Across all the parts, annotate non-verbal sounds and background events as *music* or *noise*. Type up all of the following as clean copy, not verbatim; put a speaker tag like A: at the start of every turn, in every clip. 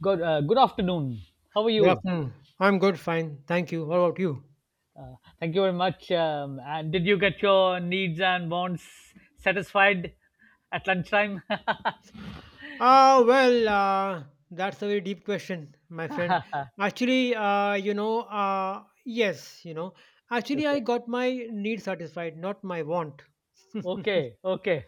A: Good afternoon. How are
B: Good
A: you?
B: afternoon. I'm good, fine. Thank you. What about you?
A: Thank you very much. And did you get your needs and wants satisfied at lunchtime?
B: Ah, well, that's a very deep question, my friend.
A: *laughs*
B: Actually, yes, actually, I
A: Okay.
B: got my need satisfied, not my want.
A: Okay, okay,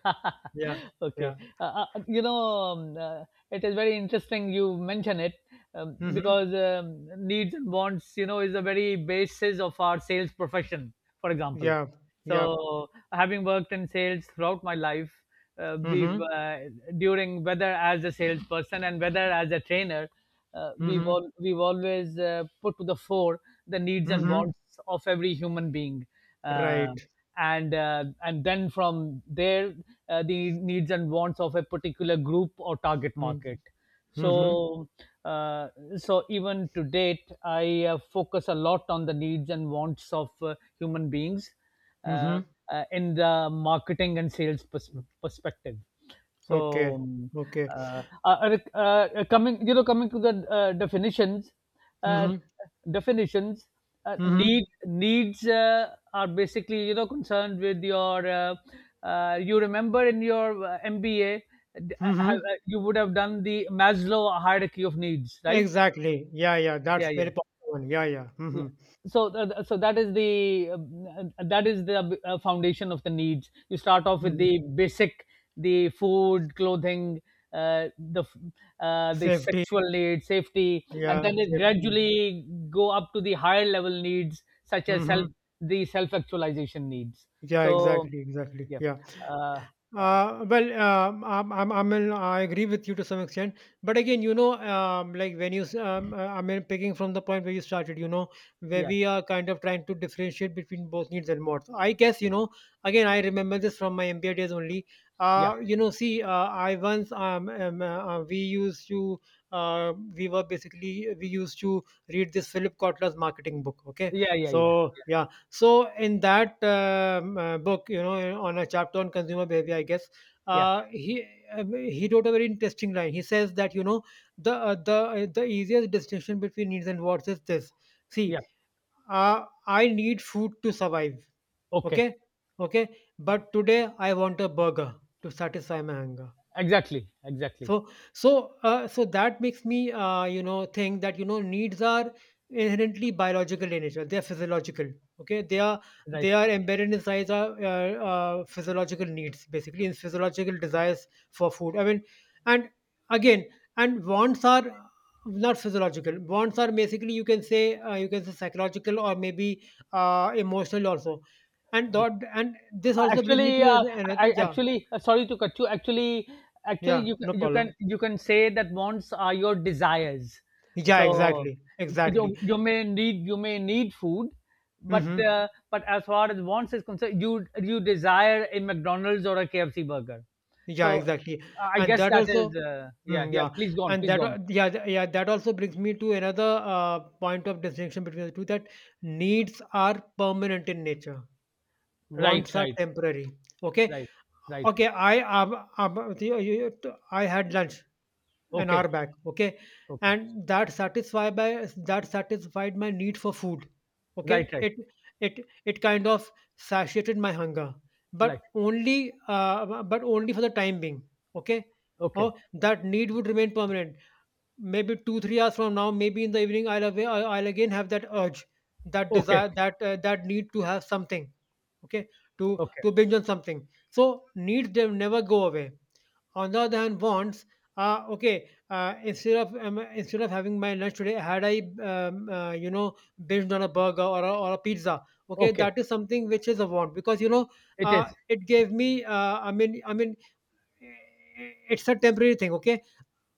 B: Yeah,
A: *laughs* okay.
B: yeah.
A: It is very interesting you mention it,
B: Mm-hmm.
A: because needs and wants, you know, is the very basis of our sales profession, for example.
B: Yeah, yeah.
A: So, having worked in sales throughout my life, we've
B: Mm-hmm.
A: during whether as a salesperson and whether as a trainer,
B: Mm-hmm.
A: we've always put to the fore the needs and
B: Mm-hmm.
A: wants of every human being. Uh,
B: Right.
A: and then from there, the needs and wants of a particular group or target
B: Mm-hmm.
A: market.
B: Mm-hmm.
A: So uh, so even to date I focus a lot on the needs and wants of human beings, uh,
B: Mm-hmm.
A: in the marketing and sales perspective. So,
B: Okay. Okay.
A: coming, you know, coming to the definitions, uh,
B: Mm-hmm.
A: definitions, uh,
B: Mm-hmm.
A: need needs uh, are basically, you know, concerned with your. You remember in your MBA,
B: Mm-hmm.
A: you would have done the Maslow hierarchy of needs, right?
B: Exactly. Yeah, yeah. That's
A: Yeah, yeah,
B: very popular one. Yeah, yeah. Mm-hmm.
A: yeah. So that is the foundation of the needs. You start off with
B: Mm-hmm.
A: the basic, the food, clothing, uh, the the
B: Safety.
A: sexual needs, safety, and
B: Yeah,
A: then it
B: safety.
A: gradually go up to the higher level needs such as self,
B: Mm-hmm.
A: the self actualization needs.
B: Yeah,
A: So
B: exactly, exactly.
A: yeah.
B: Yeah.
A: uh, uh,
B: Well, I'm, I mean, I agree with you to some extent, but again, like when I mean, picking from the point where you started, where
A: yeah,
B: we are kind of trying to differentiate between both needs and wants. I guess, again, I remember this from my MBA days only.
A: yeah,
B: See, I once, we were basically, we used to read this Philip Kotler's marketing book. Okay.
A: yeah, yeah, yeah,
B: So, yeah, so in that book, you know, on a chapter on consumer behavior, I guess
A: yeah,
B: uh, he he wrote a very interesting line. He says that, you know, the easiest distinction between needs and wants is this. See,
A: yeah.
B: I need food to survive.
A: Okay,
B: Okay, okay, but today I want a burger to satisfy my hunger.
A: exactly, exactly,
B: So that makes me, you know, think that, you know, needs are inherently biological in nature. They are physiological, okay. They are,
A: right.
B: they are embedded inside our physiological needs, basically, in physiological desires for food, I mean. And again, and wants are not physiological. Wants are basically, you can say, you can say psychological or maybe emotional also. And dot, and this also brings me
A: Actually,
B: to a, another.
A: I
B: Yeah,
A: actually sorry to cut you. Actually,
B: yeah,
A: you can
B: no
A: you can
B: problem.
A: you can say that wants are your desires.
B: Yeah,
A: So
B: exactly, exactly.
A: you, you may need food,
B: Mhm.
A: but as far as wants is concerned, you desire a McDonald's or a KFC burger.
B: Yeah,
A: So
B: exactly.
A: I
B: And
A: guess
B: that
A: that
B: also,
A: is yeah,
B: mm,
A: yeah.
B: yeah,
A: Please go on.
B: and
A: Please go
B: that,
A: on.
B: al- yeah, th- yeah, that also brings me to another point of distinction between the two, that needs are permanent in nature,
A: Right
B: wants are
A: right
B: temporary. Okay,
A: right right.
B: okay. I the- you- you- t- I had lunch an hour
A: Okay,
B: back, okay,
A: okay.
B: and that satisfied my need for food, okay.
A: Right right
B: It kind of satiated my hunger,
A: right.
B: but only for the time being, okay. Oh,
A: Okay,
B: that need would remain permanent. Maybe 2 3 hours from now, maybe in the evening, I'll I'll again have that urge, that
A: okay,
B: desire, that that need to have something, okay. to
A: okay,
B: to binge on something. So needs, they never go away. On the other hand, wants, okay, instead of, instead of having my lunch today, had I, you know, binged on a burger or a pizza, okay,
A: okay.
B: that is something which is a want. Because, you know,
A: It is.
B: it gave me, it's a temporary thing, okay.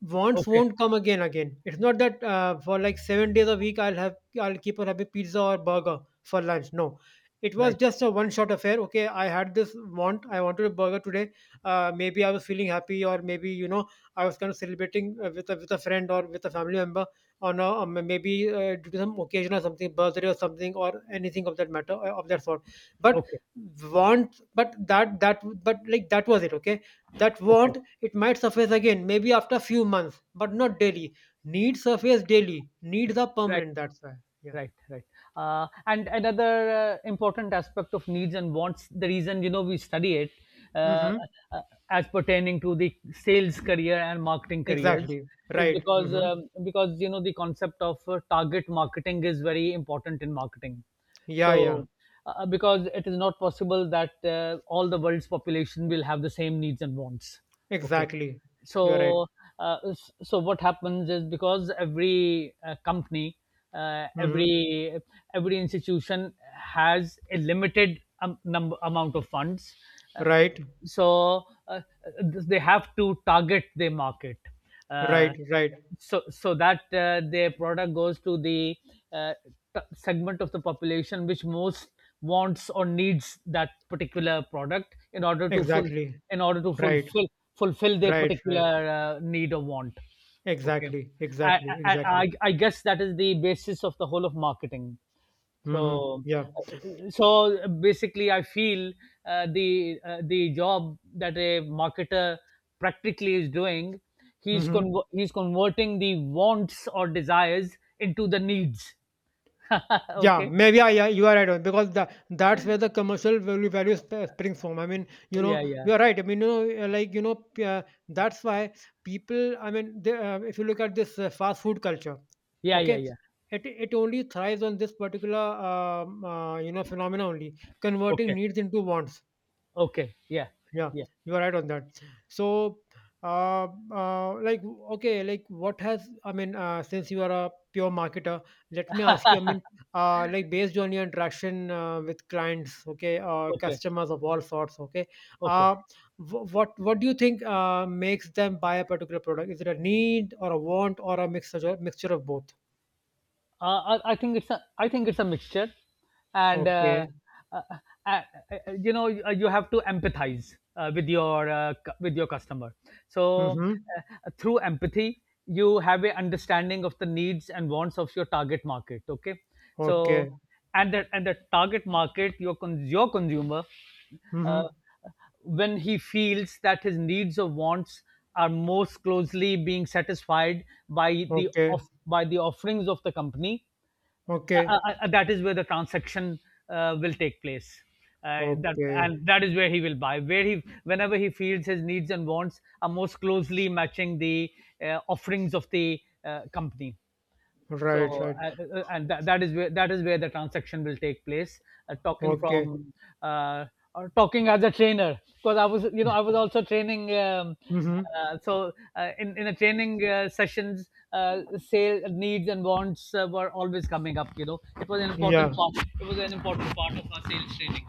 B: Wants
A: Okay.
B: won't come again. Again, it's not that, for like 7 days a week, I'll keep on having pizza or burger for lunch, no. It was
A: Right.
B: just a one shot affair, okay. I had this want, I wanted a burger today. Maybe I was feeling happy, or maybe, you know, I was kind of celebrating with a friend or with a family member on a, maybe due to some occasion or something, birthday or something or anything of that matter, of that sort. But
A: Okay.
B: want but that that but like that was it, okay. That
A: Okay.
B: want, it might surface again, maybe after a few months, but not daily. Needs surface daily. Needs are
A: Right.
B: permanent, that's why. Yeah.
A: Right. Right. And another important aspect of needs and wants, the reason you know we study it, uh,
B: Mm-hmm.
A: uh, as pertaining to the sales career and marketing careers,
B: Exactly.
A: is
B: Right.
A: because,
B: Mm-hmm.
A: because you know the concept of target marketing is very important in marketing.
B: Yeah, yeah.
A: So, because it is not possible that all the world's population will have the same needs and wants. Okay.
B: Exactly. You're right.
A: so so what happens is because every company uh,
B: Mm-hmm.
A: every every institution has a limited number amount of funds, uh,
B: Right.
A: so they have to target their market, uh,
B: Right. Right.
A: so that their product goes to the uh, segment of the population which most wants or needs that particular product in order to full
B: Exactly.
A: in order to
B: Right.
A: fulfill their
B: Right. Right.
A: particular need or want. Okay.
B: Exactly.
A: I,
B: Exactly.
A: I
B: Exactly.
A: i i guess that is the basis of the whole of marketing.
B: Mm-hmm.
A: So,
B: Yeah.
A: so basically, I feel the job that a marketer practically is doing, he's
B: Mm-hmm.
A: he's converting the wants or desires into the needs. *laughs*
B: Yeah,
A: Okay.
B: maybe I, yeah, you are right on, because that that's where the commercial springs from. I mean, you know,
A: Yeah. Yeah.
B: you are right. I mean, you know, that's why people. I mean, they, if you look at this fast food culture,
A: Yeah. Yeah.
B: okay,
A: Yeah.
B: it only thrives on this particular you know, phenomena only, converting
A: Okay.
B: needs into wants.
A: Okay. Yeah.
B: Yeah,
A: Yeah.
B: you are right on that. So, uh, like, okay, like, I mean, since you are a pure marketer, let me ask you. I mean, like, based on your interaction with clients, okay,
A: Okay.
B: customers of all sorts, okay,
A: Okay.
B: uh, what do you think makes them buy a particular product? Is it a need or a want or a mixture of both?
A: I think it's a I think it's a mixture, and
B: Okay.
A: uh, uh, uh, you know you, you have to empathize with your with your customer. So
B: Mm-hmm.
A: through empathy, you have a understanding of the needs and wants of your target market. Okay,
B: Okay.
A: so and the, and the target market, your your consumer.
B: Mm-hmm.
A: Uh, when he feels that his needs or wants are most closely being satisfied by the
B: Okay.
A: by the offerings of the company,
B: Okay.
A: that is where the transaction will take place. uh, that
B: Okay.
A: and that is where he will buy, where he, whenever he feels his needs and wants are most closely matching the offerings of the company.
B: Right.
A: So,
B: Right.
A: and that, that is where, that is where the transaction will take place. Talking
B: Okay.
A: from uh, or talking as a trainer, because I was, you know, I was also training.
B: Mm-hmm.
A: In the training sessions, sale needs and wants were always coming up. You know, it was an important
B: Yeah,
A: part. It was an important part of our sales training.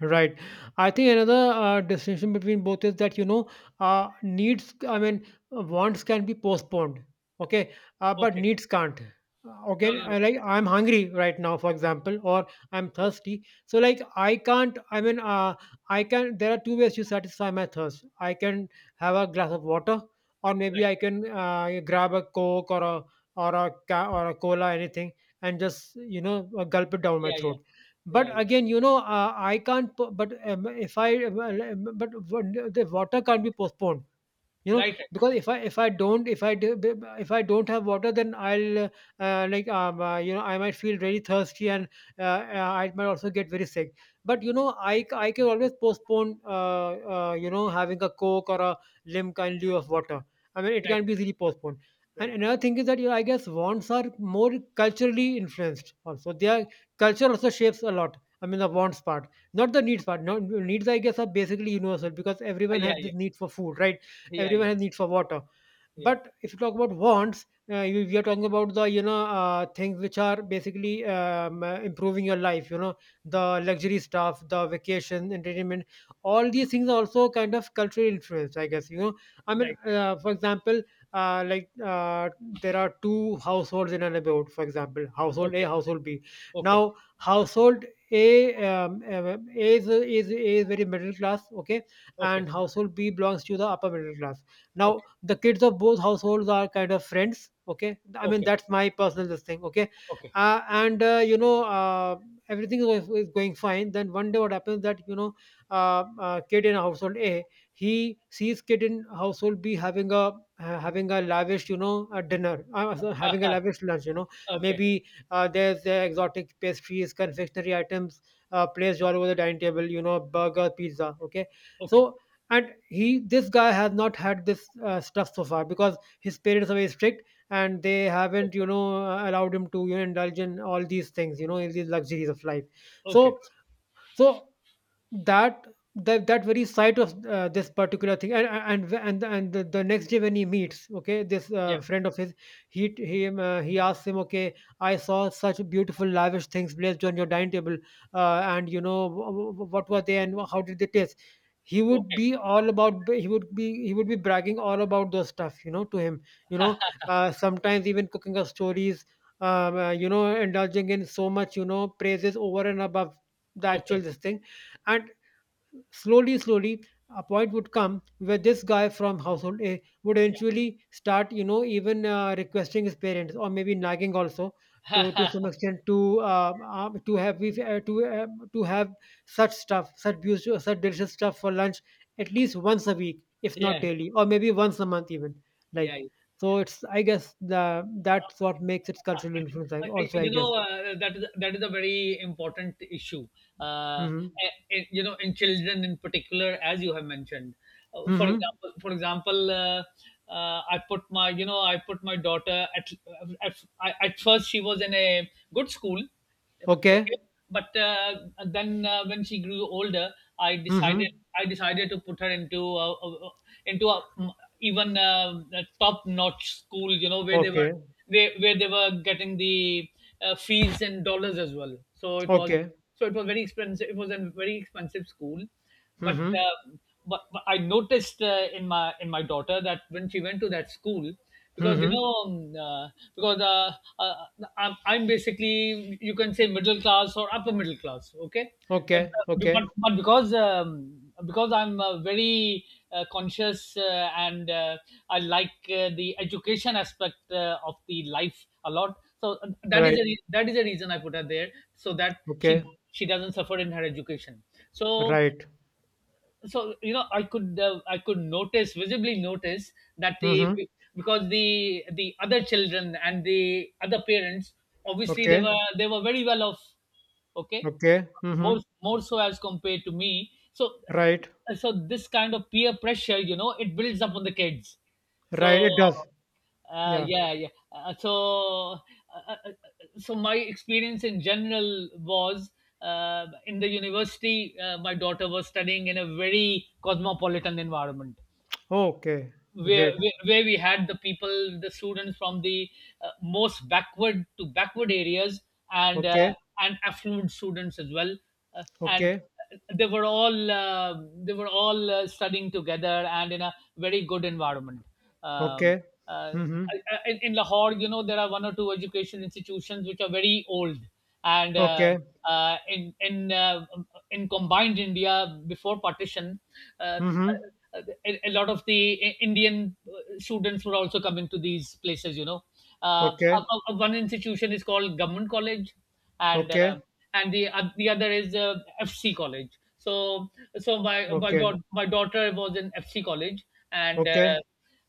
B: right. I think another distinction between both is that, you know, I mean, wants can be postponed, okay, but
A: Okay.
B: needs can't.
A: No,
B: Okay,
A: no, no.
B: I like I'm hungry right now, for example, or I'm
A: Yeah.
B: thirsty. So, like, I can't, I mean, I can, there are two ways to satisfy my thirst. I can have a glass of water, or maybe
A: Right.
B: I can grab a Coke or a or a or a cola, anything, and just, you know, gulp it down my
A: Yeah, yeah.
B: throat. But
A: Yeah, yeah.
B: again, you know, I can't pu- but if I well, but the water can't be postponed, you know.
A: Right, right,
B: Because if I don't if I do, b- b- if I don't have water, then I'll like, you know, I might feel very thirsty, and I might also get very sick. But you know,
A: right,
B: I can always postpone, you know, having a Coke or a limca in lieu of water. I mean, it
A: right,
B: can be easily postponed.
A: right,
B: And
A: right.
B: another thing is that, you know, I guess wants are more culturally influenced also. Their culture also shapes a lot, I mean the wants part, not the needs part. No, needs, I guess, are basically universal, because everyone
A: Yeah,
B: has this
A: yeah,
B: need for food, right?
A: yeah,
B: Everyone
A: yeah,
B: has need for water.
A: yeah.
B: But if you talk about wants, we are talking about the, you know, things which are basically, improving your life, you know, the luxury stuff, the vacation, entertainment. All these things are also kind of cultural influence, I guess, you know. I mean,
A: Right, right.
B: for example, uh, like uh, there are two households in a neighborhood, for example, household A,
A: Okay.
B: household B.
A: Okay.
B: Now household A, um, uh, a is a is very middle class, okay. And
A: Okay.
B: household B belongs to the upper middle class. Now
A: Okay.
B: the kids of both households are kind of friends, okay. I mean,
A: Okay.
B: that's my personal this thing, okay.
A: Okay. *laughs*
B: And you know, everything is going fine. Then one day, what happens that, you know, kid in household A, he sees kid in household B having a having a lavish, you know, a dinner, so having a
A: Ah,
B: lavish lunch, you know.
A: okay.
B: Maybe there's exotic pastries, confectionery items placed all over the dining table, you know, burger, pizza, okay.
A: Okay.
B: So, and he, this guy has not had this stuff so far, because his parents are very strict and they
A: Okay.
B: haven't, you know, allowed him to, you know, indulge in all these things, you know, in these luxuries of life.
A: Okay.
B: So, so that that very side of this particular thing, and the next day when he meets, okay, this
A: Yeah.
B: friend of his, he asks him, okay, I saw such beautiful lavish things placed on your dining table, and you know, what were they and how did they taste.
A: Okay.
B: He would be, he would be bragging all about those stuff, you know, to him, you know, sometimes even cooking us stories, you know, indulging in so much, you know, praises over and above the actual
A: Okay.
B: this thing. And slowly slowly, a point would come where this guy from household A would
A: Yeah.
B: eventually start, you know, even requesting his parents or maybe nagging also to some extent to have we to have such stuff, such beautiful, such delicious stuff for lunch at least once a week, if not
A: Yeah.
B: daily, or maybe once a month even, like.
A: Yeah. Yeah.
B: So it's, I guess, the that's what makes its cultural
A: I think
B: influence,
A: I,
B: also, I
A: you know
B: guess.
A: that is, that is a very important issue. Uh,
B: Mm-hmm.
A: you know, in children in particular, as you have mentioned.
B: Mm-hmm.
A: For example, I put my, you know, I put my daughter at, at at first she was in a good school.
B: Okay.
A: Okay, but then when she grew older, I decided
B: Mm-hmm.
A: I decided to put her into a, into a, even a top-notch school. You know, where they were,
B: Okay,
A: where they were getting the fees in dollars as well. So it was,
B: okay.
A: so it was very expensive. It was a very expensive school, but
B: Mm-hmm.
A: but I noticed in my, in my daughter, that when she went to that school, because you
B: Mm-hmm.
A: know, because I'm basically, you can say, middle class or upper middle class, okay, but
B: Okay, okay.
A: but because, because I'm very conscious and I like the education aspect of the life a lot, so that is
B: Right.
A: a that is the reason I put her there, so that she
B: Okay.
A: she doesn't suffer in her education. So,
B: Right.
A: you know, I could, I could notice, visibly notice, that the,
B: Mm-hmm.
A: because the other children and the other parents, obviously they
B: Okay.
A: were, they were very well off. Okay,
B: Okay. Mm-hmm.
A: more, more so as compared to me. So,
B: Right.
A: so this kind of peer pressure, you know, it builds up on the kids. So
B: Right. It does. Yeah.
A: yeah, yeah. Uh, uh, so my experience in general was, in the university, my daughter was studying in a very cosmopolitan environment,
B: Okay. Great.
A: where we had the people, the students from the most backward to backward areas, and uh,
B: Okay.
A: and affluent students as well, and
B: Okay.
A: they were all uh, they were all studying together and in a very good environment. Um,
B: Okay.
A: uh,
B: Mm-hmm.
A: in Lahore, you know, there are one or two education institutions which are very old, and
B: Okay.
A: uh, in in uh, in combined India before partition, uh,
B: Mm-hmm.
A: a, a lot of the Indian students were also coming to these places. You know, uh, uh,
B: Okay.
A: one institution is called Government College, and uh,
B: Okay.
A: and the other is FC College. So, so my,
B: Okay.
A: my daughter was in FC College, and uh,
B: Okay.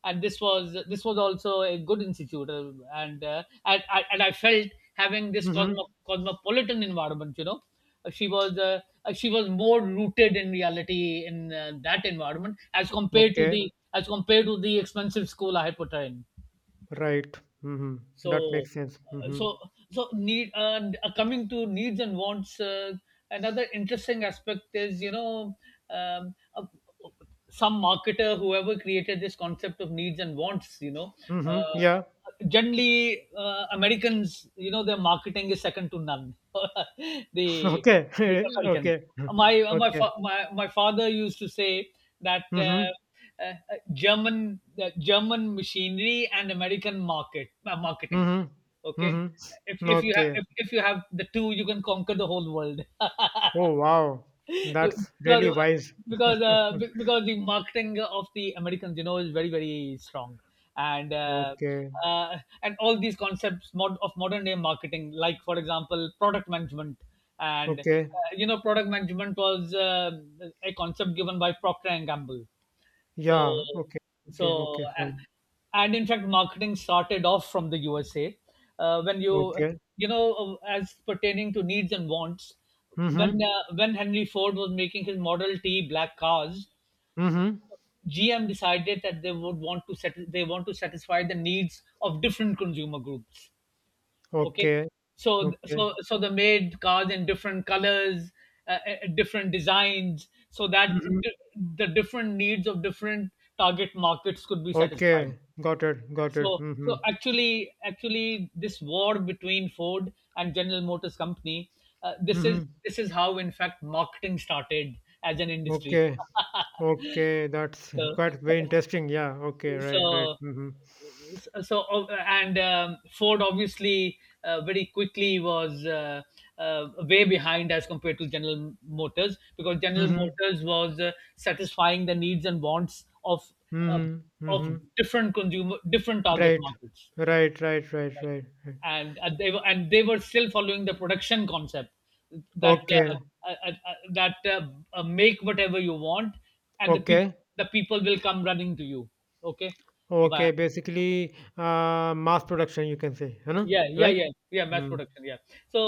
A: and this was, this was also a good institute, I, and I felt, having this
B: Mm-hmm.
A: cosmopolitan environment, you know, Uh, she was uh, she was more rooted in reality in that environment as compared to
B: Okay.
A: the, as compared to the expensive school I had put her in.
B: Right. Mm-hmm. That
A: So,
B: makes sense. Mm-hmm.
A: so, so need coming to needs and wants. Another interesting aspect is, you know, um, uh, some marketer whoever created this concept of needs and wants. You know,
B: Mm-hmm. Yeah.
A: generally Americans, you know, their marketing is second to none. *laughs*
B: *laughs*
A: the
B: Okay.
A: the
B: *laughs*
A: Americans.
B: okay. *laughs*
A: My
B: Okay.
A: my my father used to say that.
B: Mm-hmm.
A: Uh, German, German machinery and American marketing.
B: Mhm.
A: Okay,
B: Mhm.
A: if you have,
B: Okay.
A: if you have the two, you can conquer the whole world. *laughs*
B: Oh, wow. That's
A: because
B: really wise.
A: because
B: *laughs*
A: because the marketing of the Americans, you know, is very, very strong, and uh,
B: Okay.
A: uh, and all these concepts, of modern day marketing, like for example, product management, and
B: Okay.
A: you know, product management was a concept given by Procter and Gamble. So,
B: Yeah. Okay. Okay.
A: so
B: Okay. Fine.
A: and in fact, marketing started off from the USA. When you,
B: Okay.
A: you know, as pertaining to needs and wants, when,
B: Mm-hmm.
A: when Henry Ford was making his Model T black cars,
B: Mm-hmm.
A: GM decided that they would want to set, they want to satisfy the needs of different consumer groups. Okay,
B: Okay.
A: so,
B: Okay.
A: so so they made cars in different colors, different designs, so that,
B: Mm-hmm.
A: d- the different needs of different target markets could be satisfied.
B: Okay. Got it. Got it.
A: So,
B: Mm-hmm.
A: so actually, actually this war between Ford and General Motors Company, this
B: Mm-hmm.
A: is, this is how in fact marketing started as an industry.
B: Okay. Okay. That's
A: *laughs* so
B: quite very interesting. Yeah. Okay. Right. Right.
A: so
B: Mm-hmm.
A: so and Ford obviously very quickly was way behind as compared to General Motors, because General
B: Mm-hmm.
A: Motors was satisfying the needs and wants of uh,
B: Mm-hmm.
A: of
B: Mm-hmm.
A: different target
B: Right.
A: markets,
B: Right. Right. Right. Right. Right.
A: and they were still following the production concept that
B: Okay.
A: uh, uh, uh, that uh, make whatever you want, and the people
B: Okay.
A: will come running to you. Okay, but
B: Okay, basically, mass production, you can say, है ना?
A: yeah, yeah,
B: Like?
A: yeah. Yeah, mass
B: Hmm.
A: production, yeah. So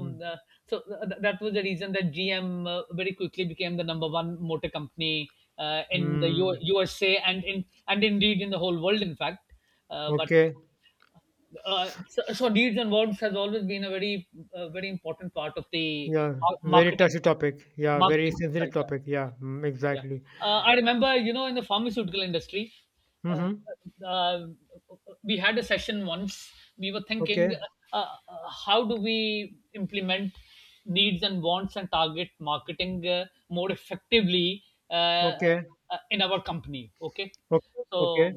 A: um, uh, that was the reason that GM very quickly became the number one motor company in the
B: Hmm.
A: USA, and in and indeed in the whole world in fact. uh, but
B: Okay.
A: so deeds and verbs has always been a very very important part of the
B: Yeah.
A: mar-
B: Very
A: marketing
B: touchy topic. Yeah. Very
A: marketing
B: sensitive
A: culture.
B: topic. Yeah. Mm,
A: Yeah.
B: exactly.
A: I remember, you know, in the pharmaceutical industry, uh,
B: Mm-hmm.
A: uh, we had a session once. We were thinking,
B: Okay.
A: uh, uh, how do we implement needs and wants and target marketing more effectively uh,
B: Okay.
A: in our company? Okay.
B: Okay.
A: So,
B: Okay.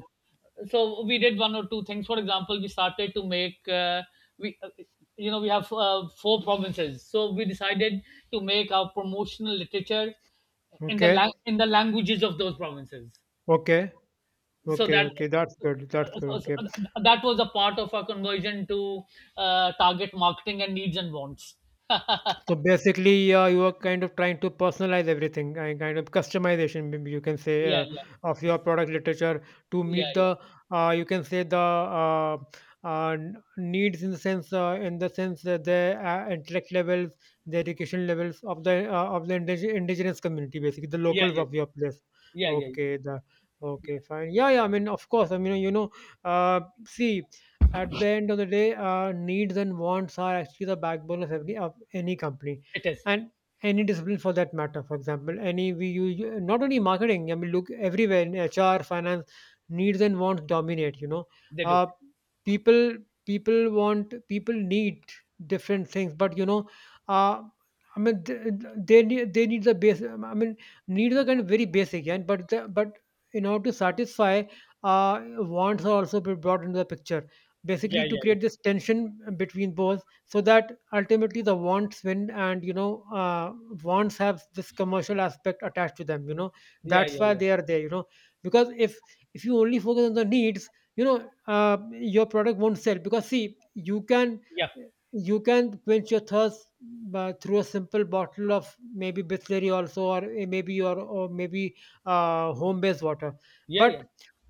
A: so, we did one or two things. For example, we started to make, we, uh, you know, we have four provinces. So we decided to make our promotional literature
B: Okay.
A: in the languages of those provinces,
B: Okay.
A: so
B: Okay.
A: that
B: Okay. That's good. That's good.
A: so- so
B: Okay.
A: that was a part of our conversion to target marketing and needs and wants.
B: So basically, you are kind of trying to personalize everything and kind of customization, maybe you can say,
A: yeah, yeah,
B: of your product literature to
A: yeah,
B: meet
A: yeah,
B: the, you can say the needs in the sense that the intellect levels, the education levels of the indigenous community, basically the
A: yeah,
B: locals
A: yeah,
B: of your
A: yeah,
B: place.
A: yeah, yeah,
B: Okay, the okay,
A: yeah.
B: fine.
A: Yeah.
B: Yeah, yeah. I mean, of course. I mean, uh, see, at the end of the day, needs and wants are actually the backbone of every of any company,
A: It is.
B: and any discipline for that matter. For example, any we use not only marketing. I mean, look everywhere in HR, finance, needs and wants dominate. You know,
A: They do.
B: uh, people want, people need different things, but uh, I mean, they need the base. I mean, needs are kind of very basic, and but but in order to satisfy, wants are also be brought into the picture, basically
A: Yeah,
B: to
A: yeah, yeah,
B: create this tension between both so that ultimately the wants win, and wants have this commercial aspect attached to them.
A: yeah,
B: That's
A: yeah,
B: why
A: yeah,
B: they are there, because if you only focus on the needs, your product won't sell, because see, you can quench your thirst through a simple bottle of maybe Bisleri also, or maybe home based water.
A: yeah,
B: But
A: yeah,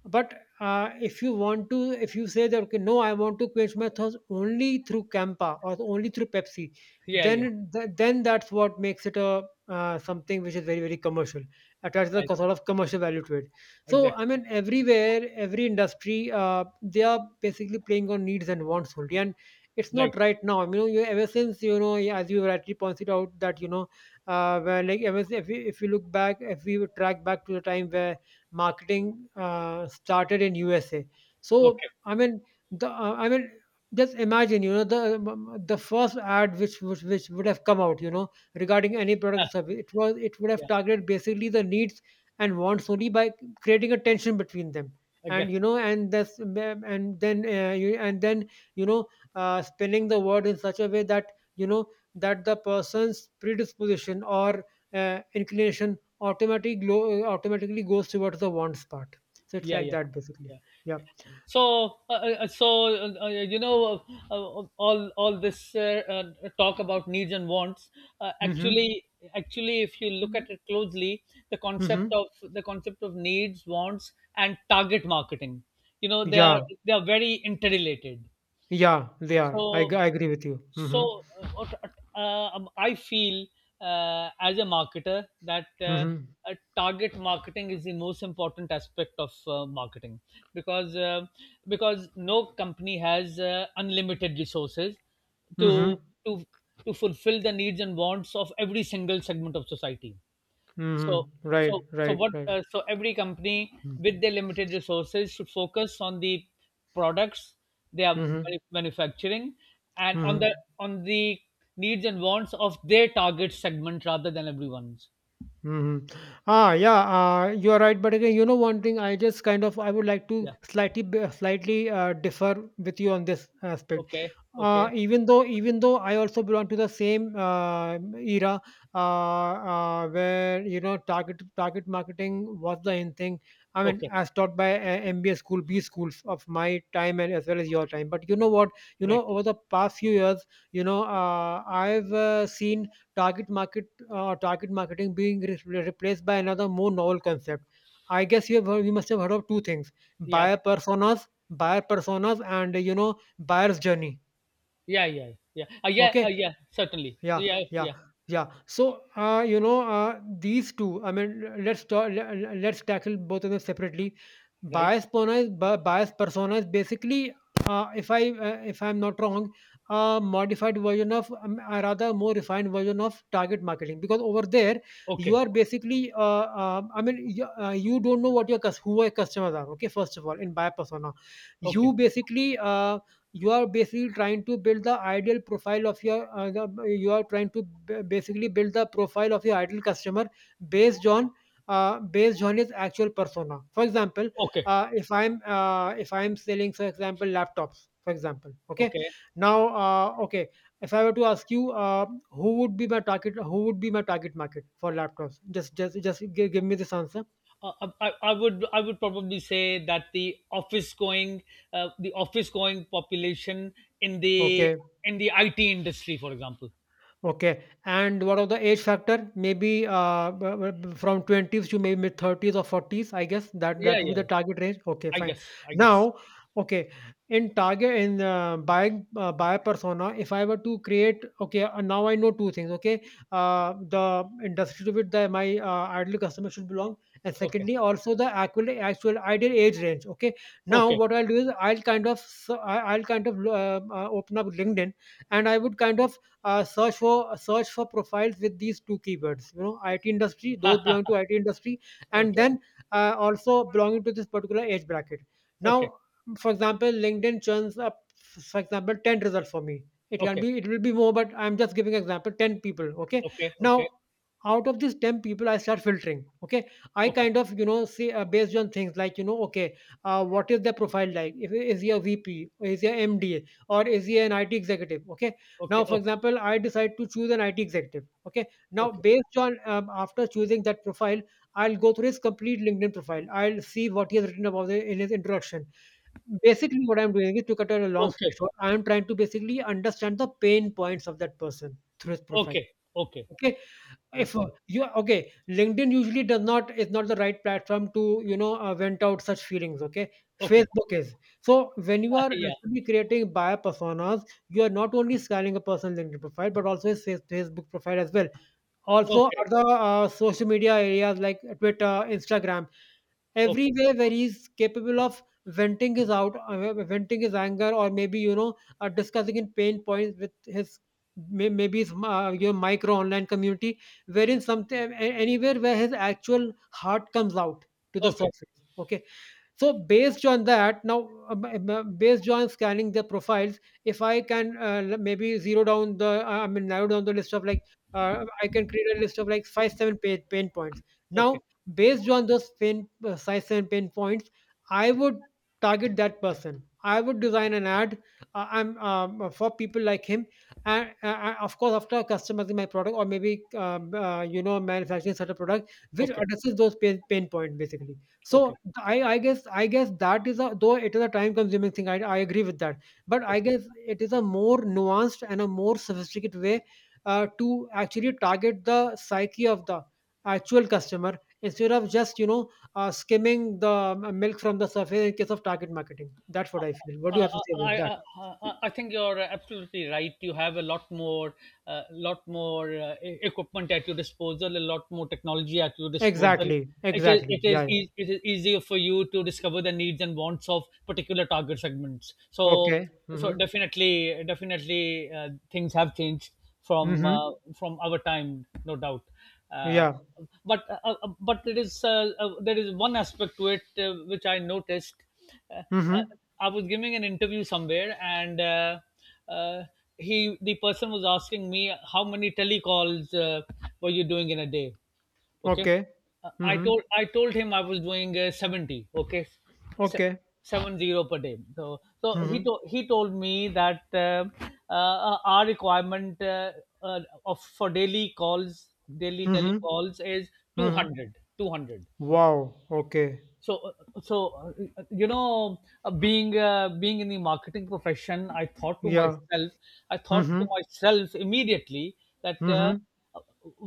B: but if you say that, okay, no, I want to quench my thirst only through Campa or only through Pepsi,
A: yeah, yeah,
B: then
A: yeah.
B: then that's what makes it a something which is very very commercial, attaches a
A: Right.
B: sort of commercial value to it. So
A: Exactly.
B: I mean, everywhere, every industry, they are basically playing on needs and wants only. And it's
A: Right.
B: not right now, ever since, yeah, as you rightly pointed out, that where like ever, if we look back, if we would track back to the time where marketing started in USA. So
A: Okay.
B: I mean, the I mean, just imagine, the first ad which would have come out, regarding any product or
A: Ah,
B: service, it would have
A: yeah,
B: targeted basically the needs and wants only, by creating a tension between them. And you
A: exactly.
B: know, and that's and then you and then, you know, spinning the word in such a way that that the person's predisposition, or inclination, automatically automatically goes towards the wants part. So it's
A: Yeah,
B: like
A: yeah,
B: that basically.
A: yeah.
B: Yeah.
A: Yeah. So, you know, all this talk about needs and wants,
B: Mm-hmm.
A: actually, if you look
B: Mhm.
A: at it closely, the concept
B: Mm-hmm.
A: of, needs, wants and target marketing, you know, they are,
B: Yeah.
A: very interrelated.
B: Yeah. They
A: so
B: are. I agree with you.
A: so
B: Mm-hmm.
A: uh, what- uh, um, I feel, as a marketer, that
B: Mm-hmm.
A: uh, target marketing is the most important aspect of marketing, because no company has unlimited resources to
B: Mm-hmm.
A: to fulfill the needs and wants of every single segment of society. so
B: Mm-hmm.
A: so
B: Right.
A: so
B: Right.
A: what
B: Right.
A: uh, so every company
B: Mm-hmm.
A: with their limited resources should focus on the products they are
B: Mm-hmm.
A: manufacturing, and on
B: Mm-hmm.
A: the needs and wants of their target segment rather than everyone's.
B: Mhm. Ah, yeah, you are right. But again, one thing, I just kind of I would like to
A: Yeah.
B: slightly slightly differ with you on this aspect.
A: Okay, okay,
B: Even though I also belong to the same era, where target marketing was the in thing. I mean,
A: okay.
B: as taught by MBA school, B schools of my time and as well as your time. But you know what? You
A: Right.
B: know, over the past few years, I've seen target market target marketing being replaced by another more novel concept. I guess you must have heard of two things:
A: Yeah,
B: buyer personas, and buyer's journey.
A: yeah, yeah. Yeah. Yeah.
B: Okay,
A: Yeah, certainly.
B: yeah,
A: Yeah,
B: yeah,
A: yeah.
B: yeah. So, these two. I mean, let's tackle both of them separately.
A: Right.
B: Bias personas. Basically, if I'm not wrong, a modified version or rather, more refined version of target marketing. Because over there, you
A: Okay,
B: are basically, I mean, you don't know who your customers are. Okay, first of all, in bias persona, you
A: okay,
B: basically. Uh, you are basically trying to build the ideal profile of your, you are trying to basically build the profile of your ideal customer based on, his actual persona. For example,
A: okay,
B: if I'm selling, for example, laptops, for example. Okay,
A: okay.
B: now, okay, if I were to ask you, who would be my target market for laptops, just give me this answer.
A: I would probably say that the office going, population in the
B: Okay.
A: in the IT industry, for example.
B: Okay, and what of the age factor? Maybe from 20s to maybe mid 30s or 40s, I guess that
A: Yeah,
B: that
A: yeah.
B: would be the
A: Yeah.
B: target range. Okay,
A: I
B: fine.
A: guess. I guess.
B: Now, okay, in buying buyer persona, if I were to create, okay, now I know two things. Okay, the industry to which my ideal customer should belong, and
A: Okay.
B: secondly, also the actual ideal age range. Okay, now
A: Okay.
B: what I'll do is, I'll kind of I'll kind of open up LinkedIn, and I would kind of search for profiles with these two keywords, you know, IT industry, those
A: *laughs*
B: belonging to IT industry, and
A: Okay.
B: then also belonging to this particular age bracket.
A: Okay.
B: Now, for example, LinkedIn churns up, for example, 10 results for me.
A: Okay.
B: It will be more, but I'm just giving example, 10 people. Okay,
A: Okay. Okay.
B: now out of these 10 people, I start filtering. Okay, I kind of, you know, say, based on things like, you know, okay, what is their profile like. If is he a VP, is he a md, or is he an IT executive. Okay, now
A: Okay.
B: for
A: Okay.
B: example I decide to choose an IT executive. Okay, now
A: Okay.
B: based on after choosing that profile, I'll go through his complete LinkedIn profile, I'll see what he has written about it in his introduction. Basically what I'm doing is, to cut out a long story
A: Okay.
B: short, I'm trying to basically understand the pain points of that person through his profile.
A: Okay. Okay. Okay.
B: Okay, if,
A: Okay.
B: you okay, LinkedIn usually does not is not the right platform to, vent out such feelings. Okay,
A: Okay.
B: Facebook is. So when you are
A: *laughs* Yeah.
B: actually creating buyer personas, you are not only scaling a person's LinkedIn profile, but also his Facebook profile as well, also
A: Okay.
B: other social media areas like Twitter, Instagram,
A: Okay.
B: everywhere where he's capable of venting his anger, or maybe, you know, discussing in pain points with his, maybe his, your micro online community, wherein anywhere where his actual heart comes out to the
A: Okay.
B: surface. Okay, so based on that, now, based on scanning their profiles, if I can, maybe zero down the, I mean, narrow down the list of like, I can create a list of like five seven pain points. Now,
A: Okay.
B: based on those pain five seven pain points, I would target that person, I would design an ad I'm for people like him, and of course, after customizing my product, or maybe, manufacturing such a product which
A: Okay.
B: addresses those pain points basically. So
A: Okay.
B: I guess that is a, though it is a time consuming thing, I agree with that, but I
A: Okay.
B: guess it is a more nuanced and a more sophisticated way to actually target the psyche of the actual customer, instead of just, skimming the, milk from the surface in case of target marketing. That's what I feel. What do you
A: Uh,
B: have to say about that?
A: I think you're absolutely right. You have a lot more equipment at your disposal, a lot more technology at your disposal.
B: Exactly.
A: It is
B: Exactly. Yeah. Yeah.
A: easier for you to discover the needs and wants of particular target segments. So
B: Okay.
A: so
B: Mm-hmm.
A: definitely, things have changed from,
B: Mm-hmm.
A: our time, no doubt. Uh,
B: Yeah.
A: but there is, one aspect to it which I noticed. uh, uh,
B: Mm-hmm.
A: I was giving an interview somewhere, and uh, he the person was asking me how many telecalls were you doing in a day. Okay,
B: Okay. Mm-hmm.
A: I told him I was doing 70. Okay, Se-
B: Okay.
A: 70 per day. So he,
B: Mm-hmm.
A: he told me that uh, our requirement of, for daily
B: Mm-hmm.
A: telecalls is
B: Mm-hmm.
A: 200, 200.
B: Wow, okay.
A: So so uh, you know, being, in the marketing profession, I thought to
B: Yeah.
A: myself,
B: Mm-hmm.
A: immediately, that,
B: Mm-hmm.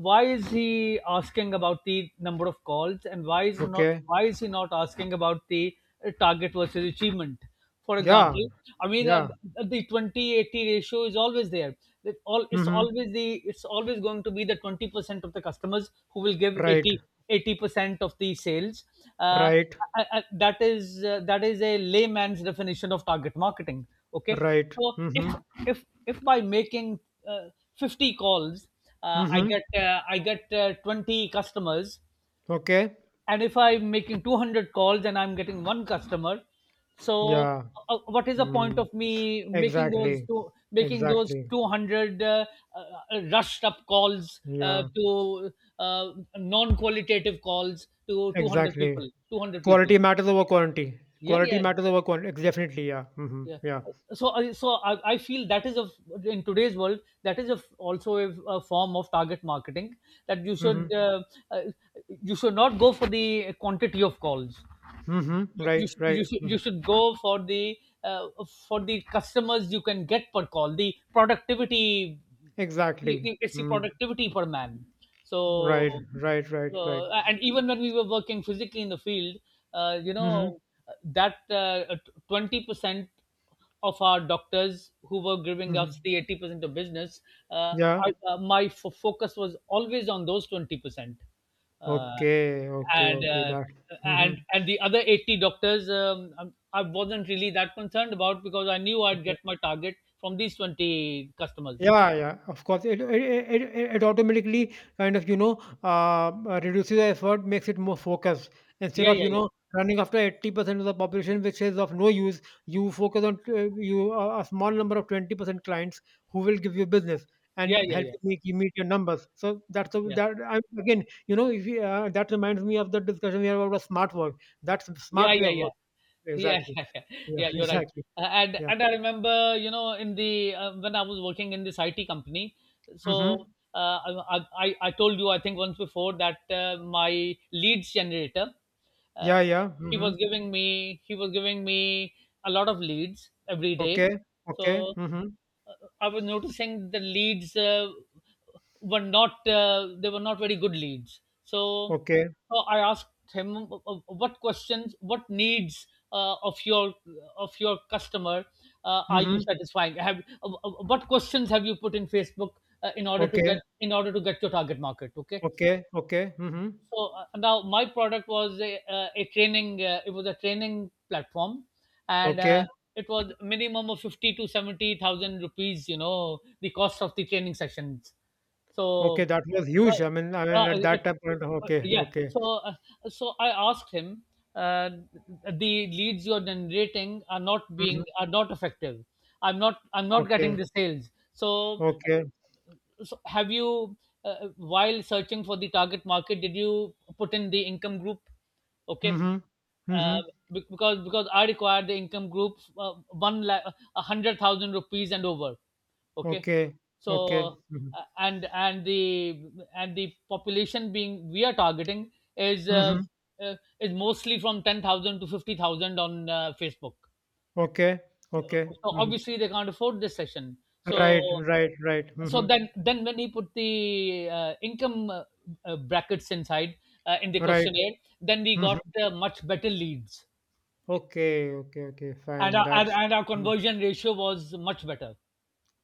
A: why is he asking about the number of calls, and
B: Okay.
A: why is he not asking about the, target versus achievement? For example,
B: Yeah.
A: I mean,
B: Yeah.
A: the 20/80 ratio is always there. That all it's
B: Mm-hmm.
A: always the it's always going to be the 20% of the customers who will give
B: Right.
A: 80% of the sales. Uh,
B: Right.
A: that is, that is a layman's definition of target marketing. Okay,
B: Right.
A: so if
B: Mm-hmm.
A: if if by making uh, 50 calls,
B: Mm-hmm.
A: I get 20 customers,
B: Okay.
A: and if I'm making 200 calls and I'm getting one customer, so
B: Yeah.
A: what is the point
B: Mm.
A: of me making those
B: Exactly.
A: two making those
B: Exactly.
A: 200 rushed up calls,
B: Yeah.
A: to uh, non qualitative calls to 200
B: Exactly.
A: people, 200 people?
B: Quality matters over quantity.
A: Yeah,
B: Quality
A: yeah,
B: matters over quantity. Definitely. Yeah. Mm-hmm.
A: yeah.
B: Yeah.
A: So I, feel that is a, in today's world, that is a, also a, form of target marketing, that you should,
B: Mm-hmm.
A: uh, you should not go for the quantity of calls.
B: Mm-hmm.
A: you,
B: Right.
A: you, should, you,
B: Right.
A: should,
B: Mhm.
A: you should go for the, uh, for the customers you can get per call, the productivity,
B: Exactly.
A: it's the
B: Mm.
A: productivity per man. so
B: Right. Right. Right. Right.
A: so- and even when we were working physically in the field, you
B: Mm-hmm.
A: know that, 20% of our doctors who were giving
B: Mm-hmm.
A: us the 80% of business, uh,
B: Yeah.
A: my focus was always on those 20%. Uh,
B: Okay, okay,
A: and,
B: okay. That. Hmm.
A: and the other 80 doctors, I wasn't really that concerned about, because I knew I'd
B: Okay.
A: get my target from these 20 customers.
B: Yeah, yeah. Of course, it automatically kind of, reduces the effort, makes it more focused. Instead
A: Yeah,
B: of,
A: yeah, yeah.
B: running after 80% of the population, which is of no use, you focus on, you a small number of 20% clients, who will give you business
A: Yeah,
B: and
A: yeah,
B: help
A: yeah.
B: you meet your numbers. So
A: Yeah.
B: again you know if you, that reminds me of the discussion we had about smart work. That's
A: Yeah,
B: smart way of
A: yeah, yeah.
B: work,
A: Yeah, *laughs*
B: exactly.
A: yeah, yeah,
B: Yeah,
A: yeah,
B: *laughs*
A: you're right.
B: exactly.
A: And
B: Yeah.
A: and I remember, you know, in the when I was working in this IT company. So
B: Mhm.
A: uh, I told you, I think, once before that my leads generator, uh,
B: Yeah. Ja,
A: he
B: mhm.
A: was giving me, a lot of leads every
B: Okay,
A: day.
B: okay,
A: So
B: mhm.
A: I was noticing the leads, were not they were not very good leads. So
B: Okay,
A: I asked him, what questions, what needs of your, customer, are you
B: mhm.
A: satisfying? Have, what questions have you put in Facebook in order to
B: Okay,
A: get, your target market? Okay,
B: okay, okay, mhm.
A: so now my product was a training, it was a training platform, and
B: Okay,
A: it was minimum of 50 to 70,000 rupees, you know, the cost of the training sessions.
B: okay,
A: so
B: that was huge. I
A: uh,
B: mean,
A: uh,
B: at
A: it,
B: that time point, okay,
A: yeah
B: okay.
A: so uh, so I asked him, uh, the leads you're generating are not, being
B: Mhm.
A: are not effective. I'm not, getting
B: Okay,
A: the sales. so
B: okay.
A: so have you, while searching for the target market, did you put in the income group? Okay,
B: Mhm.
A: uh,
B: Mhm.
A: because, I require the income group, 100,000 rupees and over. Okay,
B: Okay, okay.
A: so
B: Mhm.
A: uh, and and the and the population being we are targeting is,
B: Mhm.
A: uh, is mostly from 10,000 to 50,000 on Facebook,
B: Okay, okay.
A: so
B: Mhm.
A: obviously they can't afford this session.
B: Right,
A: so
B: right, right.
A: so
B: Mhm.
A: then, when he put the, income, brackets inside, in the
B: Right.
A: questionnaire, then we
B: Mhm.
A: got much better leads,
B: Okay, okay, okay, fine. That's
A: and our
B: mm,
A: conversion ratio was much better.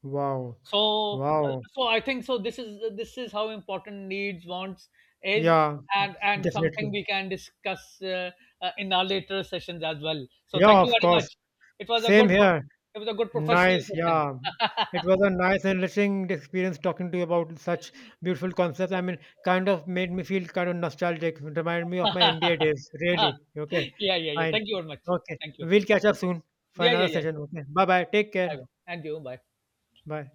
B: wow.
A: So,
B: Wow.
A: so I think, this is, how important needs, wants is,
B: Yeah,
A: and something
B: definitely.
A: we can discuss, in our later sessions as well, so
B: Yeah,
A: thank you
B: of
A: very
B: course.
A: much. It was a
B: Same
A: good,
B: here.
A: professional
B: Nice.
A: session.
B: Yeah.
A: *laughs*
B: It was a nice and enriching experience talking to you about such beautiful concepts. I mean, kind of made me feel kind of nostalgic. It reminded me of my MBA days. Really. Okay.
A: Yeah, yeah, yeah,
B: Fine.
A: thank you very much.
B: Okay.
A: Thank you.
B: We'll catch up soon for
A: Yeah, yeah,
B: another
A: yeah.
B: session. Okay. Bye bye. Take care.
A: Bye. And you. Bye.
B: Bye.